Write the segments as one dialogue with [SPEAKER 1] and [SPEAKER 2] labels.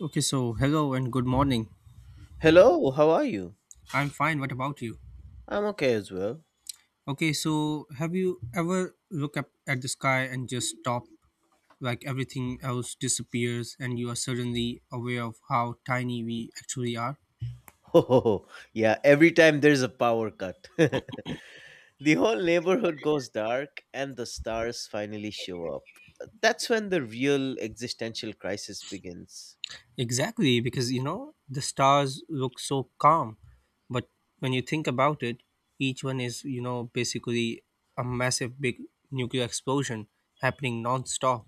[SPEAKER 1] Okay, so hello and good morning.
[SPEAKER 2] Hello, how are you?
[SPEAKER 1] I'm fine. What about you?
[SPEAKER 2] I'm okay as well.
[SPEAKER 1] Okay, so have you ever look up at the sky and just stop like everything else disappears and you are suddenly aware of how tiny we actually are?
[SPEAKER 2] Oh, yeah, every time there's a power cut, the whole neighborhood goes dark and the stars finally show up. That's when the real existential crisis begins.
[SPEAKER 1] Exactly, because the stars look so calm, but when you think about it, each one is, basically a massive big nuclear explosion happening non-stop.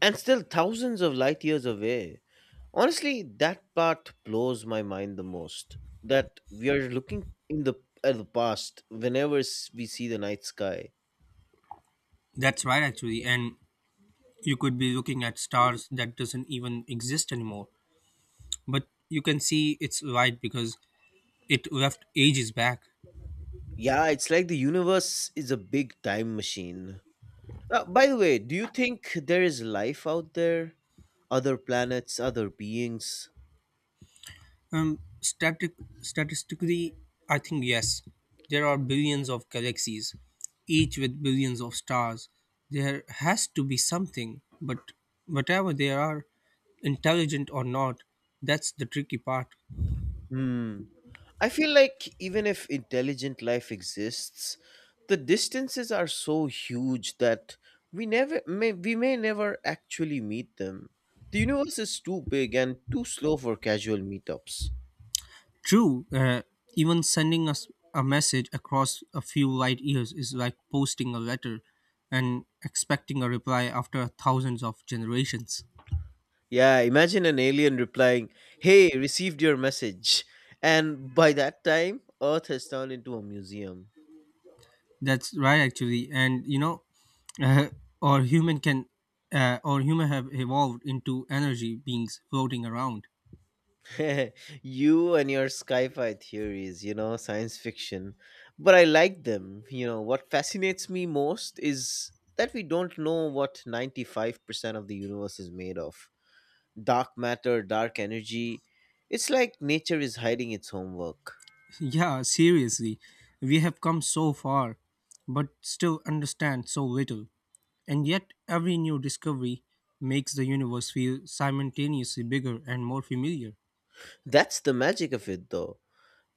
[SPEAKER 2] And still thousands of light years away. Honestly, that part blows my mind the most. That we are looking in the at the past whenever we see the night sky.
[SPEAKER 1] That's right actually, and you could be looking at stars that doesn't even exist anymore but you can see it's right because it left ages back.
[SPEAKER 2] Yeah, it's like the universe is a big time machine. By the way, do you think there is life out there? Other planets, other beings?
[SPEAKER 1] Static Statistically, I think yes, there are billions of galaxies, each with billions of stars. There has to be something, but whatever they are, intelligent or not, that's the tricky part.
[SPEAKER 2] Hmm. I feel like even if intelligent life exists, the distances are so huge that we may never actually meet them. The universe is too big and too slow for casual meetups.
[SPEAKER 1] True, even sending us a message across a few light years is like posting a letter and expecting a reply after thousands of generations.
[SPEAKER 2] Yeah, imagine an alien replying, "Hey, received your message." And by that time, Earth has turned into a museum.
[SPEAKER 1] That's right, actually, and uh, or human can, or human have evolved into energy beings floating around.
[SPEAKER 2] You and your sci-fi theories, science fiction. But I like them. What fascinates me most is that we don't know what 95% of the universe is made of. Dark matter, dark energy. It's like nature is hiding its homework.
[SPEAKER 1] Yeah, seriously, we have come so far, but still understand so little. And yet, every new discovery makes the universe feel simultaneously bigger and more familiar.
[SPEAKER 2] That's the magic of it, though.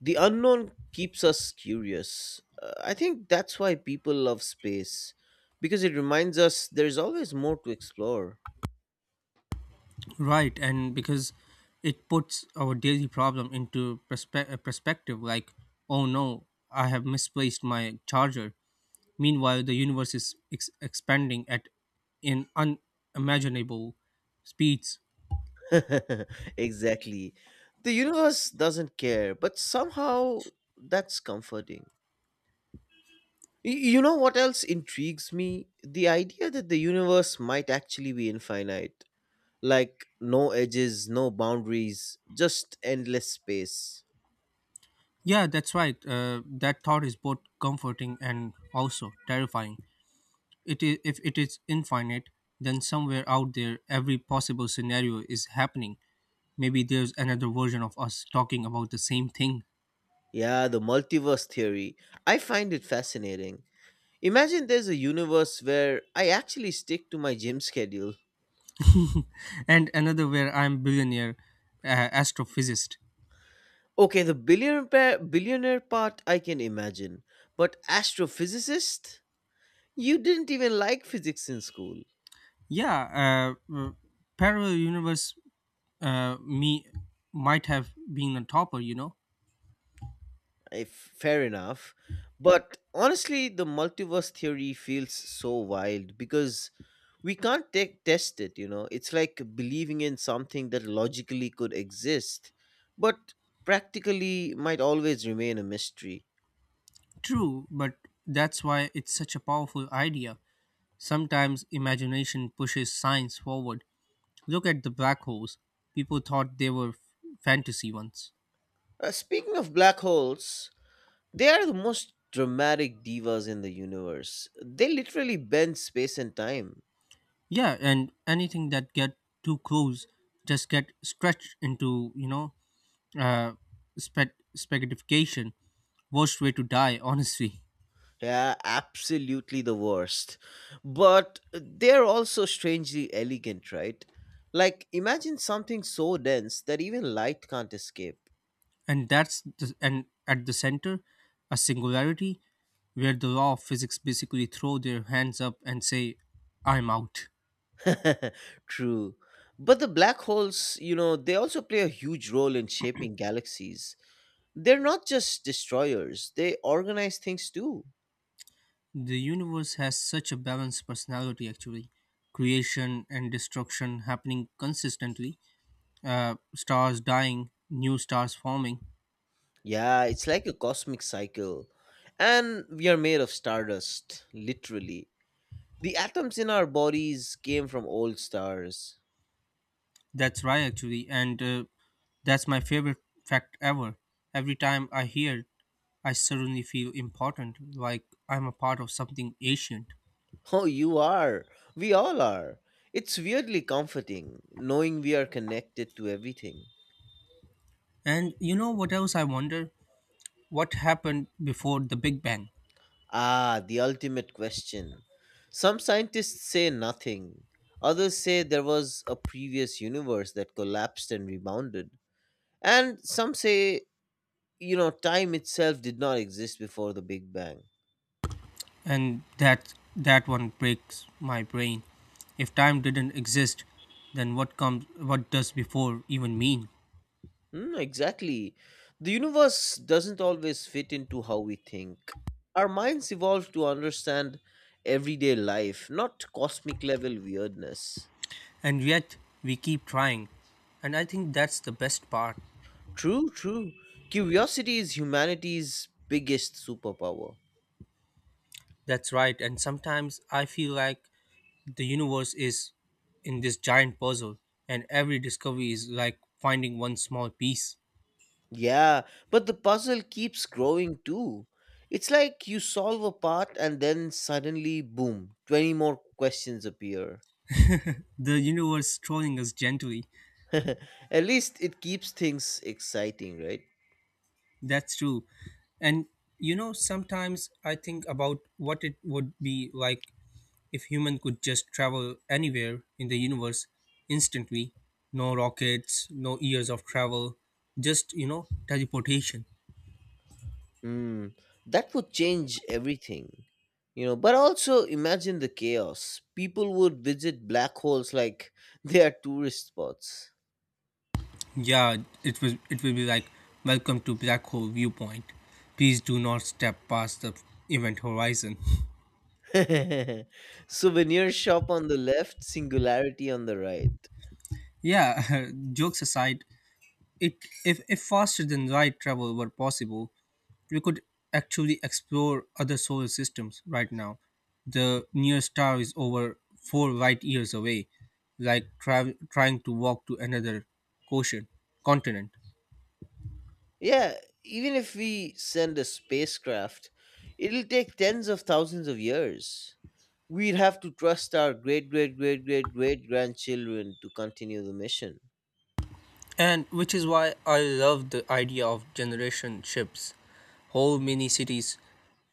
[SPEAKER 2] The unknown keeps us curious. I think that's why people love space, because it reminds us there's always more to explore.
[SPEAKER 1] Right, and because it puts our daily problem into perspective like, oh no, I have misplaced my charger. Meanwhile, the universe is expanding at in unimaginable speeds.
[SPEAKER 2] Exactly. The universe doesn't care, but somehow that's comforting. You know what else intrigues me? The idea that the universe might actually be infinite. Like, no edges, no boundaries, just endless space.
[SPEAKER 1] Yeah, that's right. That thought is both comforting and also terrifying. It is, if it is infinite, then somewhere out there, every possible scenario is happening. Maybe there's another version of us talking about the same thing,
[SPEAKER 2] Yeah, the multiverse theory. I find it fascinating. Imagine there's a universe where I actually stick to my gym schedule.
[SPEAKER 1] and another where I'm billionaire astrophysicist.
[SPEAKER 2] Okay, the billionaire part I can imagine, but astrophysicist? You didn't even like physics in school.
[SPEAKER 1] Yeah, parallel universe. Me might have been a topper.
[SPEAKER 2] If Fair enough, but honestly, the multiverse theory feels so wild because we can't test it. You know, it's like believing in something that logically could exist, but practically might always remain a mystery.
[SPEAKER 1] True, but that's why it's such a powerful idea. Sometimes imagination pushes science forward. Look at the black holes. People thought they were fantasy ones.
[SPEAKER 2] Speaking of black holes, they are the most dramatic divas in the universe. They literally bend space and time.
[SPEAKER 1] Yeah, and anything that get too close just get stretched into, uh, spaghettification. Worst way to die, honestly.
[SPEAKER 2] Yeah, absolutely the worst. But they're also strangely elegant, right? Like, imagine something so dense that even light can't escape.
[SPEAKER 1] And and at the center, a singularity where the law of physics basically throw their hands up and say, "I'm out."
[SPEAKER 2] True. But the black holes, they also play a huge role in shaping galaxies. They're not just destroyers, they organize things too.
[SPEAKER 1] The universe has such a balanced personality, actually. Creation and destruction happening consistently, stars dying, new stars forming.
[SPEAKER 2] Yeah, it's like a cosmic cycle. And we are made of stardust, literally. The atoms in our bodies came from old stars.
[SPEAKER 1] That's right, actually. And that's my favorite fact ever. Every time I hear it, I suddenly feel important, like I'm a part of something ancient.
[SPEAKER 2] Oh, you are. We all are. It's weirdly comforting knowing we are connected to everything.
[SPEAKER 1] And you know what else I wonder? What happened before the Big Bang?
[SPEAKER 2] Ah, the ultimate question. Some scientists say nothing. Others say there was a previous universe that collapsed and rebounded. And some say, time itself did not exist before the Big Bang.
[SPEAKER 1] And that one breaks my brain. If time didn't exist, then what does before even mean?
[SPEAKER 2] Mm, exactly. The universe doesn't always fit into how we think. Our minds evolved to understand everyday life, not cosmic level weirdness.
[SPEAKER 1] And yet we keep trying, and I think that's the best part.
[SPEAKER 2] True, true. Curiosity is humanity's biggest superpower.
[SPEAKER 1] That's right, and sometimes I feel like the universe is in this giant puzzle, and every discovery is like finding one small piece.
[SPEAKER 2] Yeah, but the puzzle keeps growing too. It's like you solve a part and then suddenly, boom, 20 more questions appear.
[SPEAKER 1] The universe trolling us gently.
[SPEAKER 2] At least it keeps things exciting, right?
[SPEAKER 1] That's true. And sometimes I think about what it would be like if human could just travel anywhere in the universe instantly, no rockets, no years of travel, just teleportation.
[SPEAKER 2] Mm, that would change everything. But also imagine the chaos. People would visit black holes like they are tourist spots.
[SPEAKER 1] Yeah, it will be like welcome to black hole viewpoint. Please do not step past the event horizon.
[SPEAKER 2] Souvenir shop on the left, singularity on the right.
[SPEAKER 1] Yeah, jokes aside, It, if faster than light travel were possible, we could actually explore other solar systems right now. The nearest star is over four light years away, like trying to walk to another quotient, continent.
[SPEAKER 2] Yeah, even if we send a spacecraft, it'll take tens of thousands of years. We'd have to trust our great great great great great grandchildren to continue the mission.
[SPEAKER 1] And which is why I love the idea of generation ships, whole mini cities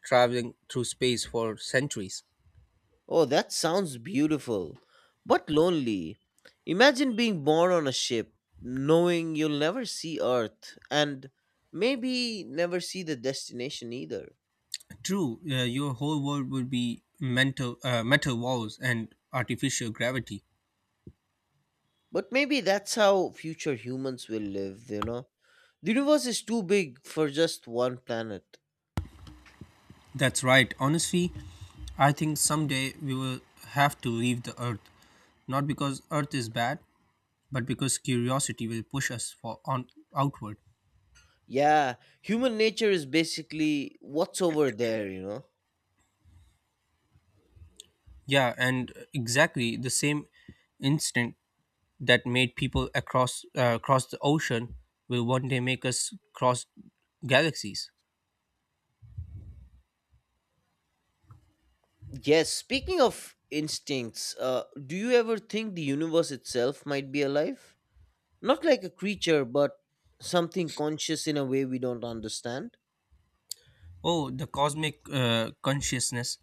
[SPEAKER 1] traveling through space for centuries.
[SPEAKER 2] Oh, that sounds beautiful, but lonely. Imagine being born on a ship, knowing you'll never see Earth, and maybe never see the destination either.
[SPEAKER 1] True, your whole world would be metal walls and artificial gravity.
[SPEAKER 2] But maybe that's how future humans will live, you know? The universe is too big for just one planet.
[SPEAKER 1] That's right. Honestly, I think someday we will have to leave the earth. Not because earth is bad, but because curiosity will push us for on outward.
[SPEAKER 2] Yeah, human nature is basically what's over there, you know?
[SPEAKER 1] Yeah, and exactly the same instinct that made people across across the ocean will one day make us cross galaxies.
[SPEAKER 2] Yes, speaking of instincts, do you ever think the universe itself might be alive? Not like a creature, but something conscious in a way we don't understand.
[SPEAKER 1] Oh, the cosmic consciousness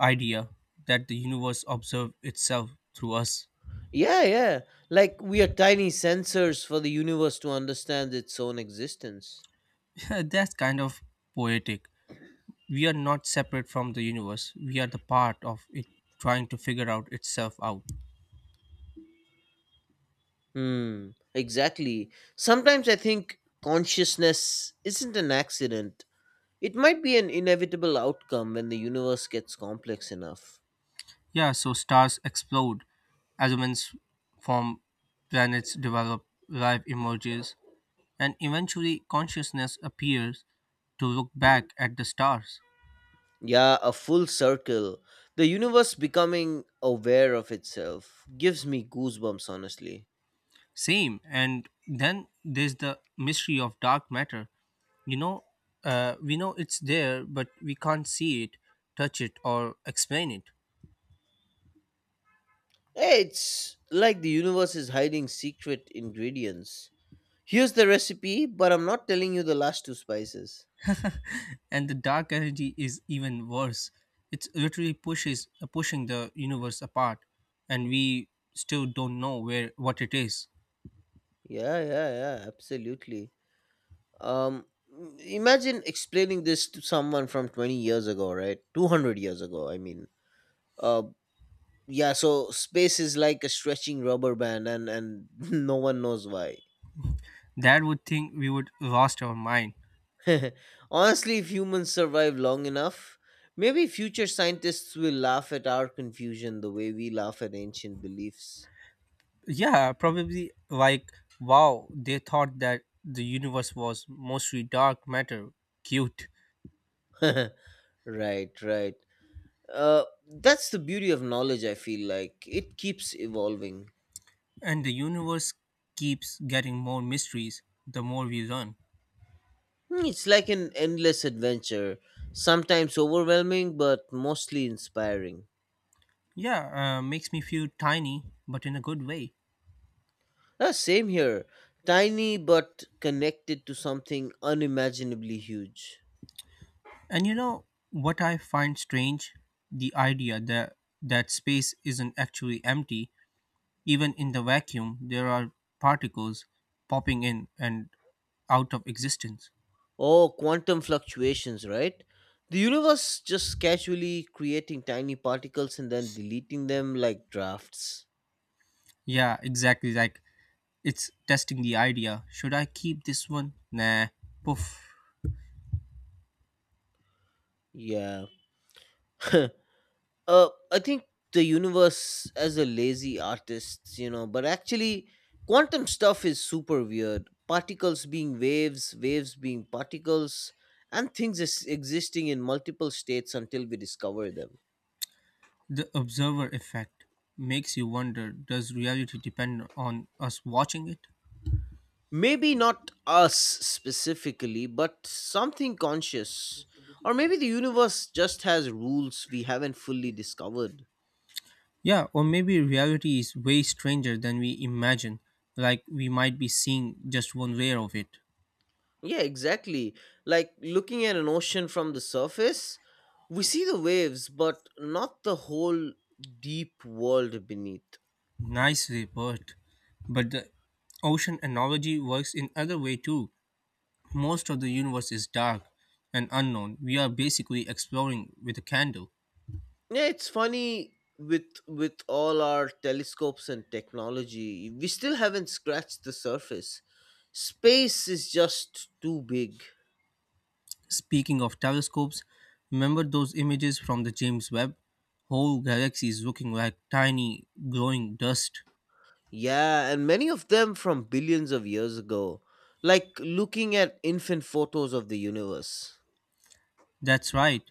[SPEAKER 1] idea, that the universe observes itself through us.
[SPEAKER 2] Yeah, yeah. Like we are tiny sensors for the universe to understand its own existence.
[SPEAKER 1] That's kind of poetic. We are not separate from the universe. We are the part of it trying to figure out itself out.
[SPEAKER 2] Hmm, exactly. Sometimes I think consciousness isn't an accident. It might be an inevitable outcome when the universe gets complex enough.
[SPEAKER 1] Yeah, so stars explode, as humans form, planets develop, life emerges, and eventually consciousness appears to look back at the stars.
[SPEAKER 2] Yeah, a full circle. The universe becoming aware of itself gives me goosebumps, honestly.
[SPEAKER 1] Same, and then there's the mystery of dark matter. You know, we know it's there, but we can't see it, touch it, or explain it.
[SPEAKER 2] It's like the universe is hiding secret ingredients. Here's the recipe, but I'm not telling you the last two spices.
[SPEAKER 1] And the dark energy is even worse. It's literally pushes pushing the universe apart, and we still don't know where what it is.
[SPEAKER 2] Yeah, yeah, yeah, absolutely. Um Imagine explaining this to someone from 20 years ago, right? 200 years ago, I mean. Uh yeah, so space is like a stretching rubber band and no one knows why.
[SPEAKER 1] That would think we would lost our mind.
[SPEAKER 2] Honestly, if humans survive long enough, maybe future scientists will laugh at our confusion the way we laugh at ancient beliefs.
[SPEAKER 1] Yeah, probably like, wow, they thought that the universe was mostly dark matter, cute.
[SPEAKER 2] Right, right. That's the beauty of knowledge, I feel like. It keeps evolving.
[SPEAKER 1] And the universe keeps getting more mysteries the more we learn.
[SPEAKER 2] Hmm, it's like an endless adventure, sometimes overwhelming, but mostly inspiring.
[SPEAKER 1] Yeah, makes me feel tiny but in a good way.
[SPEAKER 2] Same here. Tiny but connected to something unimaginably huge.
[SPEAKER 1] And you know what I find strange? The idea that space isn't actually empty. Even in the vacuum, there are particles popping in and out of existence.
[SPEAKER 2] Oh, quantum fluctuations, right? The universe just casually creating tiny particles and then deleting them like drafts.
[SPEAKER 1] Yeah, exactly. Like it's testing the idea. Should I keep this one? Nah. Poof.
[SPEAKER 2] Yeah. uh, I think the universe as a lazy artist, but actually, quantum stuff is super weird. Particles being waves, waves being particles, and things is existing in multiple states until we discover them.
[SPEAKER 1] The observer effect makes you wonder, does reality depend on us watching it?
[SPEAKER 2] Maybe not us specifically, but something conscious. Or maybe the universe just has rules we haven't fully discovered.
[SPEAKER 1] Yeah, or maybe reality is way stranger than we imagine, like we might be seeing just one layer of it.
[SPEAKER 2] Yeah, exactly. Like looking at an ocean from the surface, we see the waves, but not the whole deep world beneath.
[SPEAKER 1] Nice report. But the ocean analogy works in other way too. Most of the universe is dark and unknown. We are basically exploring with a candle.
[SPEAKER 2] Yeah, it's funny with all our telescopes and technology, we still haven't scratched the surface. Space is just too big.
[SPEAKER 1] Speaking of telescopes, remember those images from the James Webb? Whole galaxies looking like tiny glowing dust.
[SPEAKER 2] Yeah, and many of them from billions of years ago, like looking at infant photos of the universe.
[SPEAKER 1] That's right.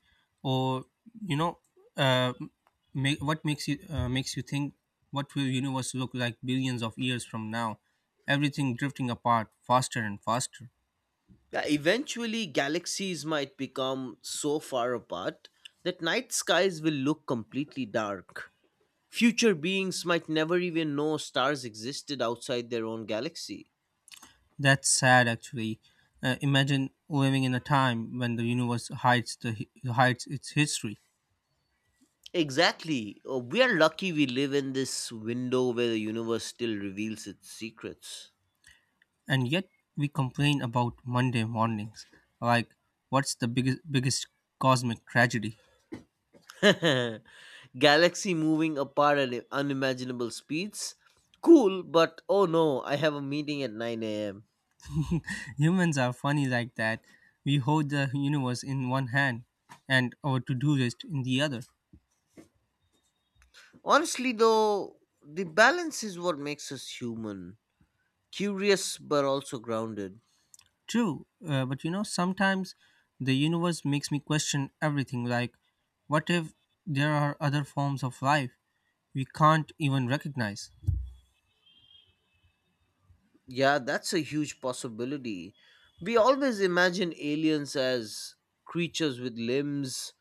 [SPEAKER 1] Or you know, uh, what makes you think, what will universe look like billions of years from now? Everything drifting apart faster and faster.
[SPEAKER 2] Yeah, eventually, galaxies might become so far apart that night skies will look completely dark. Future beings might never even know stars existed outside their own galaxy.
[SPEAKER 1] That's sad, actually. Imagine living in a time when the universe hides its history,
[SPEAKER 2] Exactly. We are lucky we live in this window where the universe still reveals its secrets.
[SPEAKER 1] and yet we complain about Monday mornings. Like, what's the biggest cosmic tragedy?
[SPEAKER 2] Galaxy moving apart at unimaginable speeds? Cool, but oh no, I have a meeting at 9 a.m.
[SPEAKER 1] Humans are funny like that. We hold the universe in one hand and our to do list in the other.
[SPEAKER 2] Honestly, though, the balance is what makes us human. Curious but also grounded.
[SPEAKER 1] True, but sometimes the universe makes me question everything like, what if there are other forms of life we can't even recognize?
[SPEAKER 2] Yeah, that's a huge possibility. We always imagine aliens as creatures with limbs,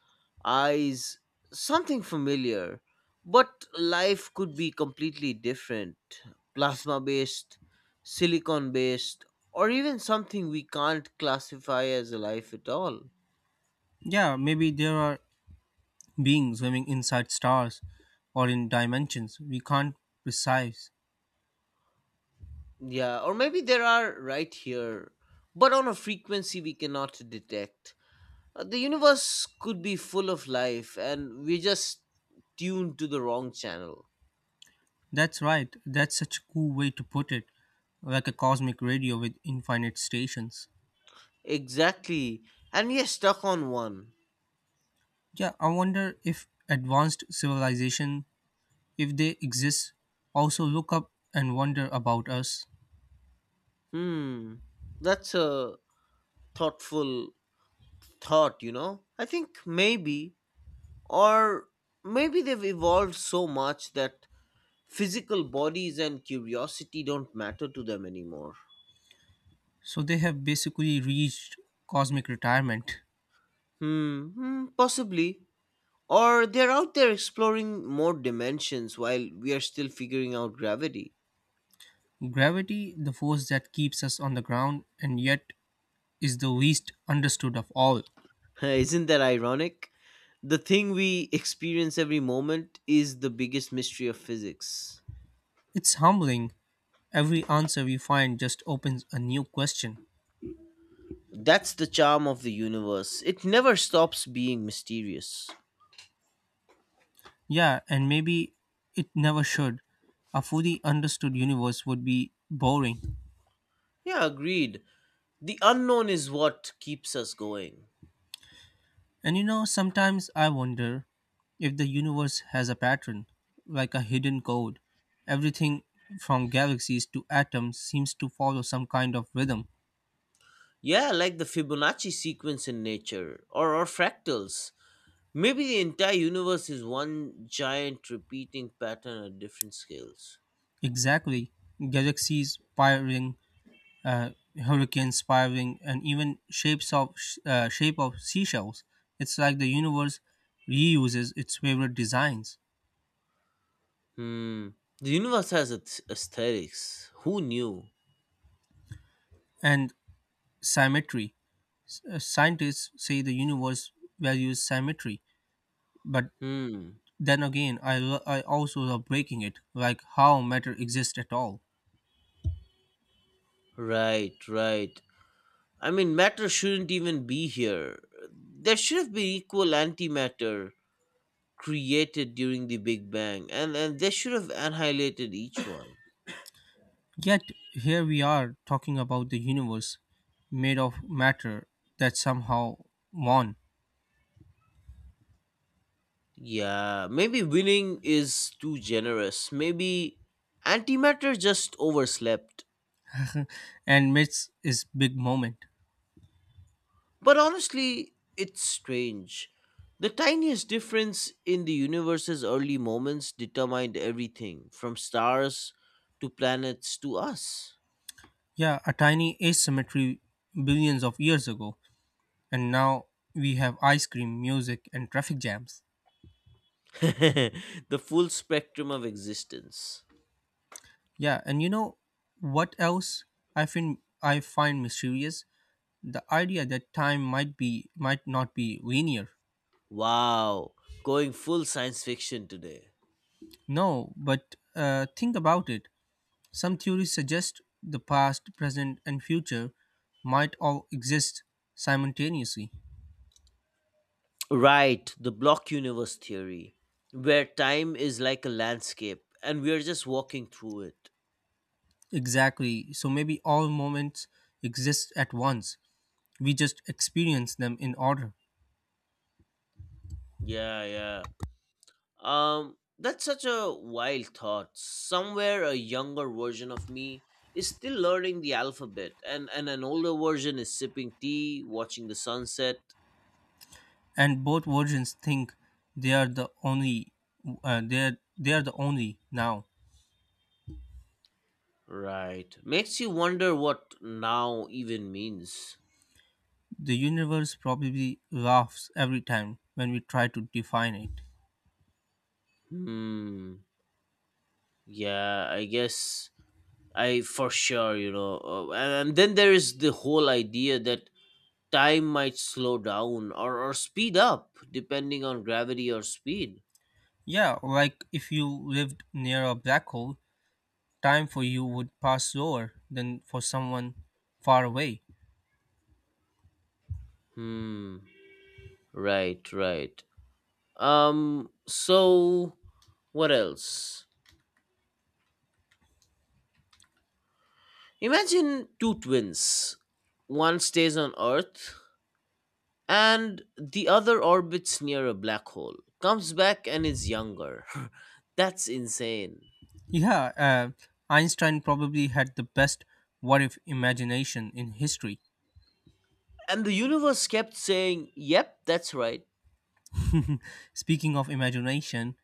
[SPEAKER 2] eyes, something familiar. But life could be completely different, plasma based, silicon based, or even something we can't classify as a life at all.
[SPEAKER 1] Yeah, maybe there are beings swimming inside stars or in dimensions we can't precise.
[SPEAKER 2] Yeah, or maybe there are right here, but on a frequency we cannot detect. The universe could be full of life, and we're just tuned to the wrong channel.
[SPEAKER 1] That's right, that's such a cool way to put it, like a cosmic radio with infinite stations.
[SPEAKER 2] Exactly. And we're stuck on one.
[SPEAKER 1] Yeah, I wonder if advanced civilization, if they exist, also look up and wonder about us.
[SPEAKER 2] Hmm. That's a thoughtful thought, you know? I think maybe, or maybe they've evolved so much that physical bodies and curiosity don't matter to them anymore.
[SPEAKER 1] So they have basically reached cosmic retirement.
[SPEAKER 2] Hmm. Possibly. Or they're out there exploring more dimensions while we are still figuring out gravity.
[SPEAKER 1] Gravity, the force that keeps us on the ground and yet is the least understood of all.
[SPEAKER 2] Isn't that ironic? The thing we experience every moment is the biggest mystery of physics.
[SPEAKER 1] It's humbling. Every answer we find just opens a new question.
[SPEAKER 2] That's the charm of the universe. It never stops being mysterious.
[SPEAKER 1] Yeah, and maybe it never should. A fully understood universe would be boring.
[SPEAKER 2] Yeah, agreed. The unknown is what keeps us going.
[SPEAKER 1] And sometimes I wonder if the universe has a pattern, like a hidden code. Everything from galaxies to atoms seems to follow some kind of rhythm.
[SPEAKER 2] Yeah, like the Fibonacci sequence in nature, or fractals. Maybe the entire universe is one giant repeating pattern at different scales.
[SPEAKER 1] Exactly. Galaxies spiraling, uh, hurricanes spiraling, and even shape of seashells. It's like the universe reuses its favorite designs.
[SPEAKER 2] Hmm. The universe has its aesthetics. Who knew?
[SPEAKER 1] And symmetry. Scientists say the universe values symmetry, but
[SPEAKER 2] Hmm.
[SPEAKER 1] then again, I also love breaking it, like how matter exists at all.
[SPEAKER 2] Right, right. I mean, matter shouldn't even be here. There should have been equal antimatter created during the Big Bang, and they should have annihilated each one.
[SPEAKER 1] Yet, here we are talking about the universe made of matter that somehow won.
[SPEAKER 2] Yeah, maybe winning is too generous. Maybe antimatter just overslept.
[SPEAKER 1] And myths is big moment.
[SPEAKER 2] But honestly, it's strange. The tiniest difference in the universe's early moments determined everything, from stars to planets to us.
[SPEAKER 1] Yeah, a tiny asymmetry billions of years ago, and now we have ice cream, music, and traffic jams.
[SPEAKER 2] The full spectrum of existence.
[SPEAKER 1] Yeah, and you know what else I find mysterious? The idea that time might be might not be linear.
[SPEAKER 2] Wow, going full science fiction today.
[SPEAKER 1] No, but think about it. Some theories suggest the past, present, and future might all exist simultaneously.
[SPEAKER 2] Right, the block universe theory, where time is like a landscape and we are just walking through it.
[SPEAKER 1] Exactly. So maybe all moments exist at once. We just experience them in order.
[SPEAKER 2] Yeah, yeah. That's such a wild thought. Somewhere a younger version of me is still learning the alphabet, and an older version is sipping tea, watching the sunset.
[SPEAKER 1] And both versions think they are the only. They are the only now.
[SPEAKER 2] Right. Makes you wonder what now even means.
[SPEAKER 1] The universe probably laughs every time when we try to define it.
[SPEAKER 2] Hmm. Yeah, I guess I for sure. And then there is the whole idea that time might slow down or speed up depending on gravity or speed.
[SPEAKER 1] Yeah, like if you lived near a black hole, time for you would pass slower than for someone far away.
[SPEAKER 2] Hmm. Right, right. So what else? Imagine two twins. One stays on Earth and the other orbits near a black hole, comes back and is younger. That's insane.
[SPEAKER 1] Yeah, Einstein probably had the best what if imagination in history.
[SPEAKER 2] And the universe kept saying, "Yep, that's right."
[SPEAKER 1] Speaking of imagination,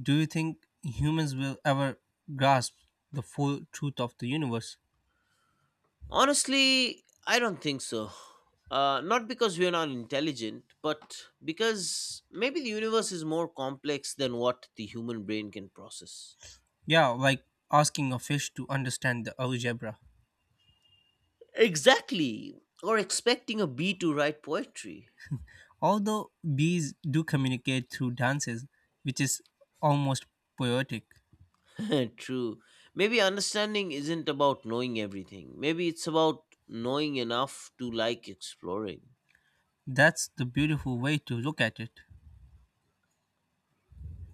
[SPEAKER 1] do you think humans will ever grasp the full truth of the universe?
[SPEAKER 2] Honestly, I don't think so. Not because we're not intelligent, but because maybe the universe is more complex than what the human brain can process.
[SPEAKER 1] Yeah, like asking a fish to understand the algebra.
[SPEAKER 2] Exactly. Or expecting a bee to write poetry.
[SPEAKER 1] Although bees do communicate through dances, which is almost poetic.
[SPEAKER 2] True. Maybe understanding isn't about knowing everything. Maybe it's about knowing enough to like exploring.
[SPEAKER 1] That's the beautiful way to look at it.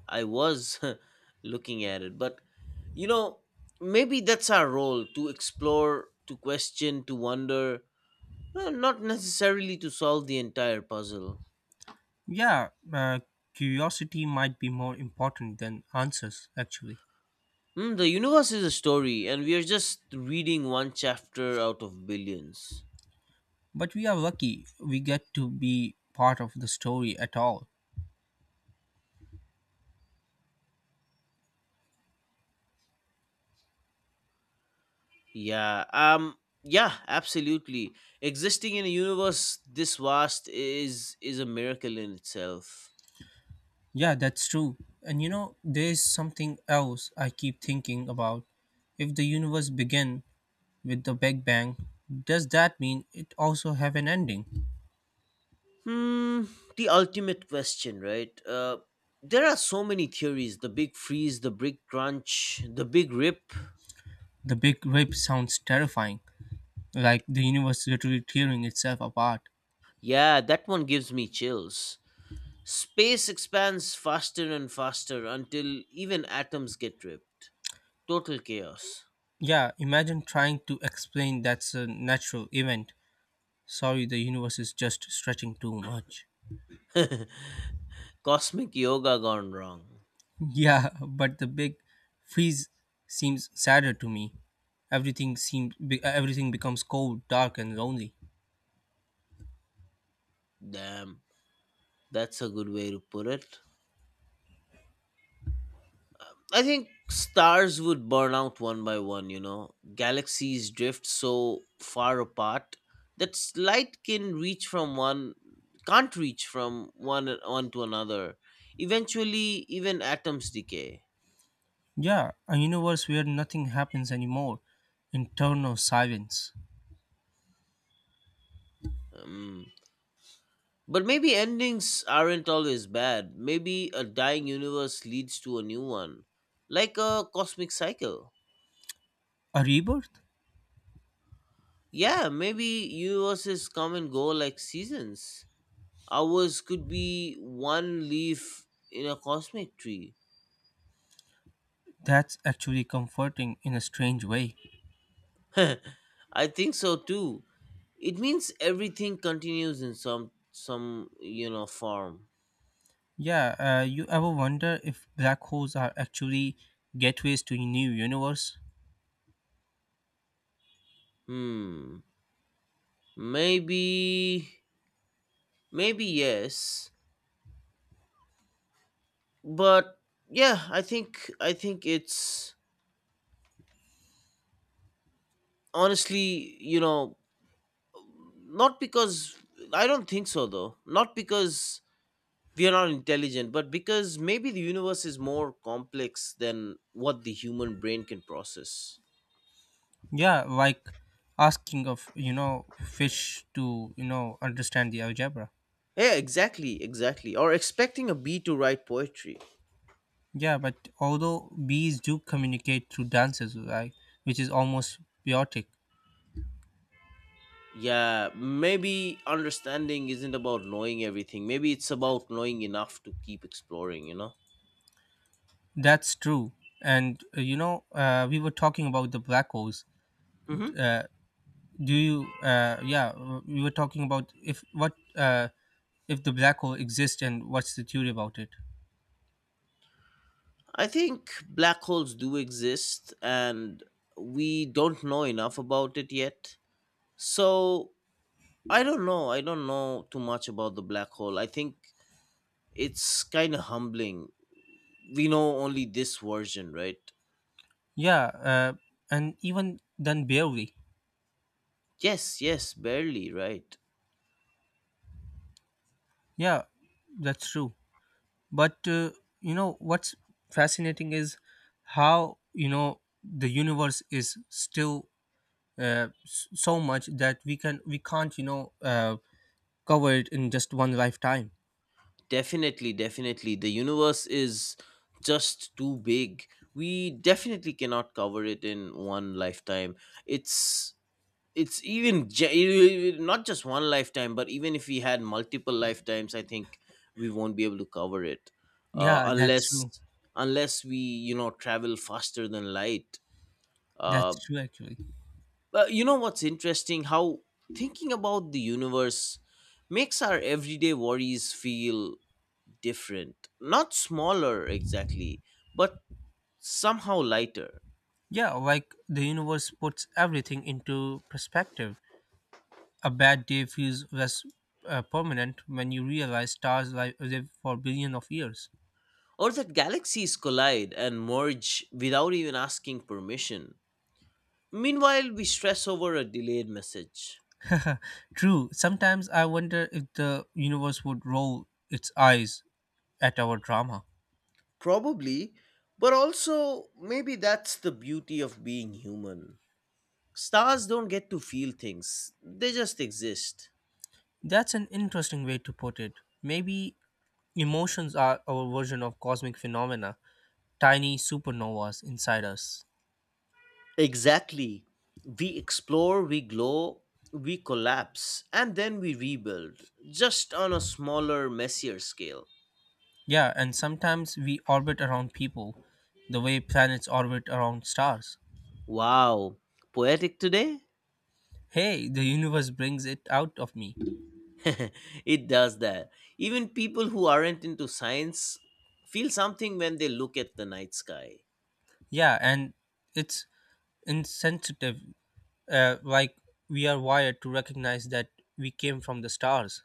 [SPEAKER 2] I was looking at it, but you know, maybe that's our role to explore, to question, to wonder, well, not necessarily to solve the entire puzzle.
[SPEAKER 1] Yeah, curiosity might be more important than answers, actually.
[SPEAKER 2] Hmm, the universe is a story, and we are just reading one chapter out of billions.
[SPEAKER 1] But we are lucky we get to be part of the story at all.
[SPEAKER 2] Yeah, yeah, absolutely. Existing in a universe this vast is a miracle in itself.
[SPEAKER 1] Yeah, that's true. And there's something else I keep thinking about. If the universe began with the Big Bang, does that mean it also have an ending?
[SPEAKER 2] Hmm, the ultimate question, right? There are so many theories: the big freeze, the big crunch, the big rip.
[SPEAKER 1] The Big Rip sounds terrifying, like the universe literally tearing itself apart.
[SPEAKER 2] Yeah, that one gives me chills. Space expands faster and faster until even atoms get ripped. Total chaos.
[SPEAKER 1] Yeah, imagine trying to explain that's a natural event. Sorry, the universe is just stretching too much.
[SPEAKER 2] Cosmic yoga gone wrong.
[SPEAKER 1] Yeah, but the big freeze seems sadder to me. Everything becomes cold, dark, and lonely.
[SPEAKER 2] Damn, that's a good way to put it. I think stars would burn out one by one. Galaxies drift so far apart that light can reach from one can't reach from one to another. Eventually even atoms decay.
[SPEAKER 1] Yeah, a universe where nothing happens anymore, internal silence.
[SPEAKER 2] Um, but maybe endings aren't always bad. Maybe a dying universe leads to a new one, like a cosmic cycle.
[SPEAKER 1] A rebirth?
[SPEAKER 2] Yeah, maybe universes come and go like seasons. Ours could be one leaf in a cosmic tree.
[SPEAKER 1] That's actually comforting in a strange way.
[SPEAKER 2] I think so too. It means everything continues in some form.
[SPEAKER 1] Yeah, you ever wonder if black holes are actually gateways to a new universe?
[SPEAKER 2] Hmm. Maybe maybe yes. But yeah, I think it's honestly, not because I don't think so though. Not because we are not intelligent, but because maybe the universe is more complex than what the human brain can process.
[SPEAKER 1] Yeah, like asking of fish to understand the algebra.
[SPEAKER 2] Yeah, exactly, exactly. Or expecting a bee to write poetry.
[SPEAKER 1] Yeah, but although bees do communicate through dances, right, which is almost biotic.
[SPEAKER 2] Yeah, maybe understanding isn't about knowing everything. Maybe it's about knowing enough to keep exploring, you know?
[SPEAKER 1] That's true. And we were talking about the black holes.
[SPEAKER 2] hmm
[SPEAKER 1] Uh, do you? Yeah, we were talking about, if the black hole exists and what's the theory about it.
[SPEAKER 2] I think black holes do exist and we don't know enough about it yet. So I don't know. I don't know too much about the black hole. I think it's kind of humbling. We know only this version, right?
[SPEAKER 1] Yeah, and even then barely.
[SPEAKER 2] Yes, yes, barely, right?
[SPEAKER 1] Yeah, that's true. But you know what's fascinating is how the universe is still so much that we can't cover it in just one lifetime.
[SPEAKER 2] Definitely, definitely. The universe is just too big. We definitely cannot cover it in one lifetime. It's even not just one lifetime, but even if we had multiple lifetimes, I think we won't be able to cover it, uh,
[SPEAKER 1] Yeah, that's
[SPEAKER 2] unless
[SPEAKER 1] true.
[SPEAKER 2] unless we travel faster than light. Uh,
[SPEAKER 1] That's true, actually.
[SPEAKER 2] But you know what's interesting? How thinking about the universe makes our everyday worries feel different. Not smaller exactly, but somehow lighter.
[SPEAKER 1] Yeah, like the universe puts everything into perspective. A bad day feels less permanent when you realize stars live for billion of years.
[SPEAKER 2] Or that galaxies collide and merge without even asking permission. Meanwhile, we stress over a delayed message.
[SPEAKER 1] True, sometimes I wonder if the universe would roll its eyes at our drama.
[SPEAKER 2] Probably, but also maybe that's the beauty of being human. Stars don't get to feel things, they just exist.
[SPEAKER 1] That's an interesting way to put it. Maybe emotions are our version of cosmic phenomena, tiny supernovas inside us.
[SPEAKER 2] Exactly. We explore, we glow, we collapse, and then we rebuild, just on a smaller, messier scale.
[SPEAKER 1] Yeah, and sometimes we orbit around people, the way planets orbit around stars.
[SPEAKER 2] Wow, poetic today?
[SPEAKER 1] Hey, the universe brings it out of me.
[SPEAKER 2] It does that. Even people who aren't into science feel something when they look at the night sky.
[SPEAKER 1] Yeah, and it's insensitive. Like we are wired to recognize that we came from the stars.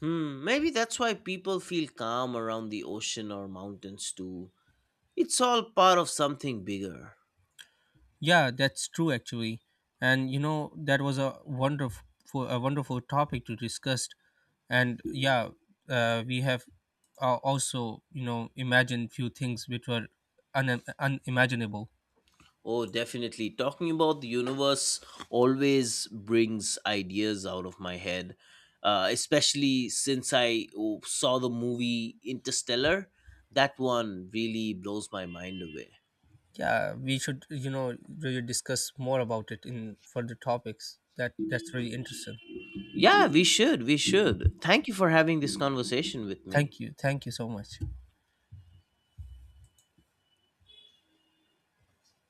[SPEAKER 2] Hmm, maybe that's why people feel calm around the ocean or mountains too. It's all part of something bigger.
[SPEAKER 1] Yeah, that's true actually. And that was a wonderful topic to discuss. And yeah, we have also, imagined few things which were unimaginable.
[SPEAKER 2] Oh, definitely. Talking about the universe always brings ideas out of my head, especially since I saw the movie Interstellar. That one really blows my mind away.
[SPEAKER 1] Yeah, we should, really discuss more about it in further topics. That's really interesting.
[SPEAKER 2] Yeah, we should. We should. Thank you for having this conversation with me.
[SPEAKER 1] Thank you. Thank you so much.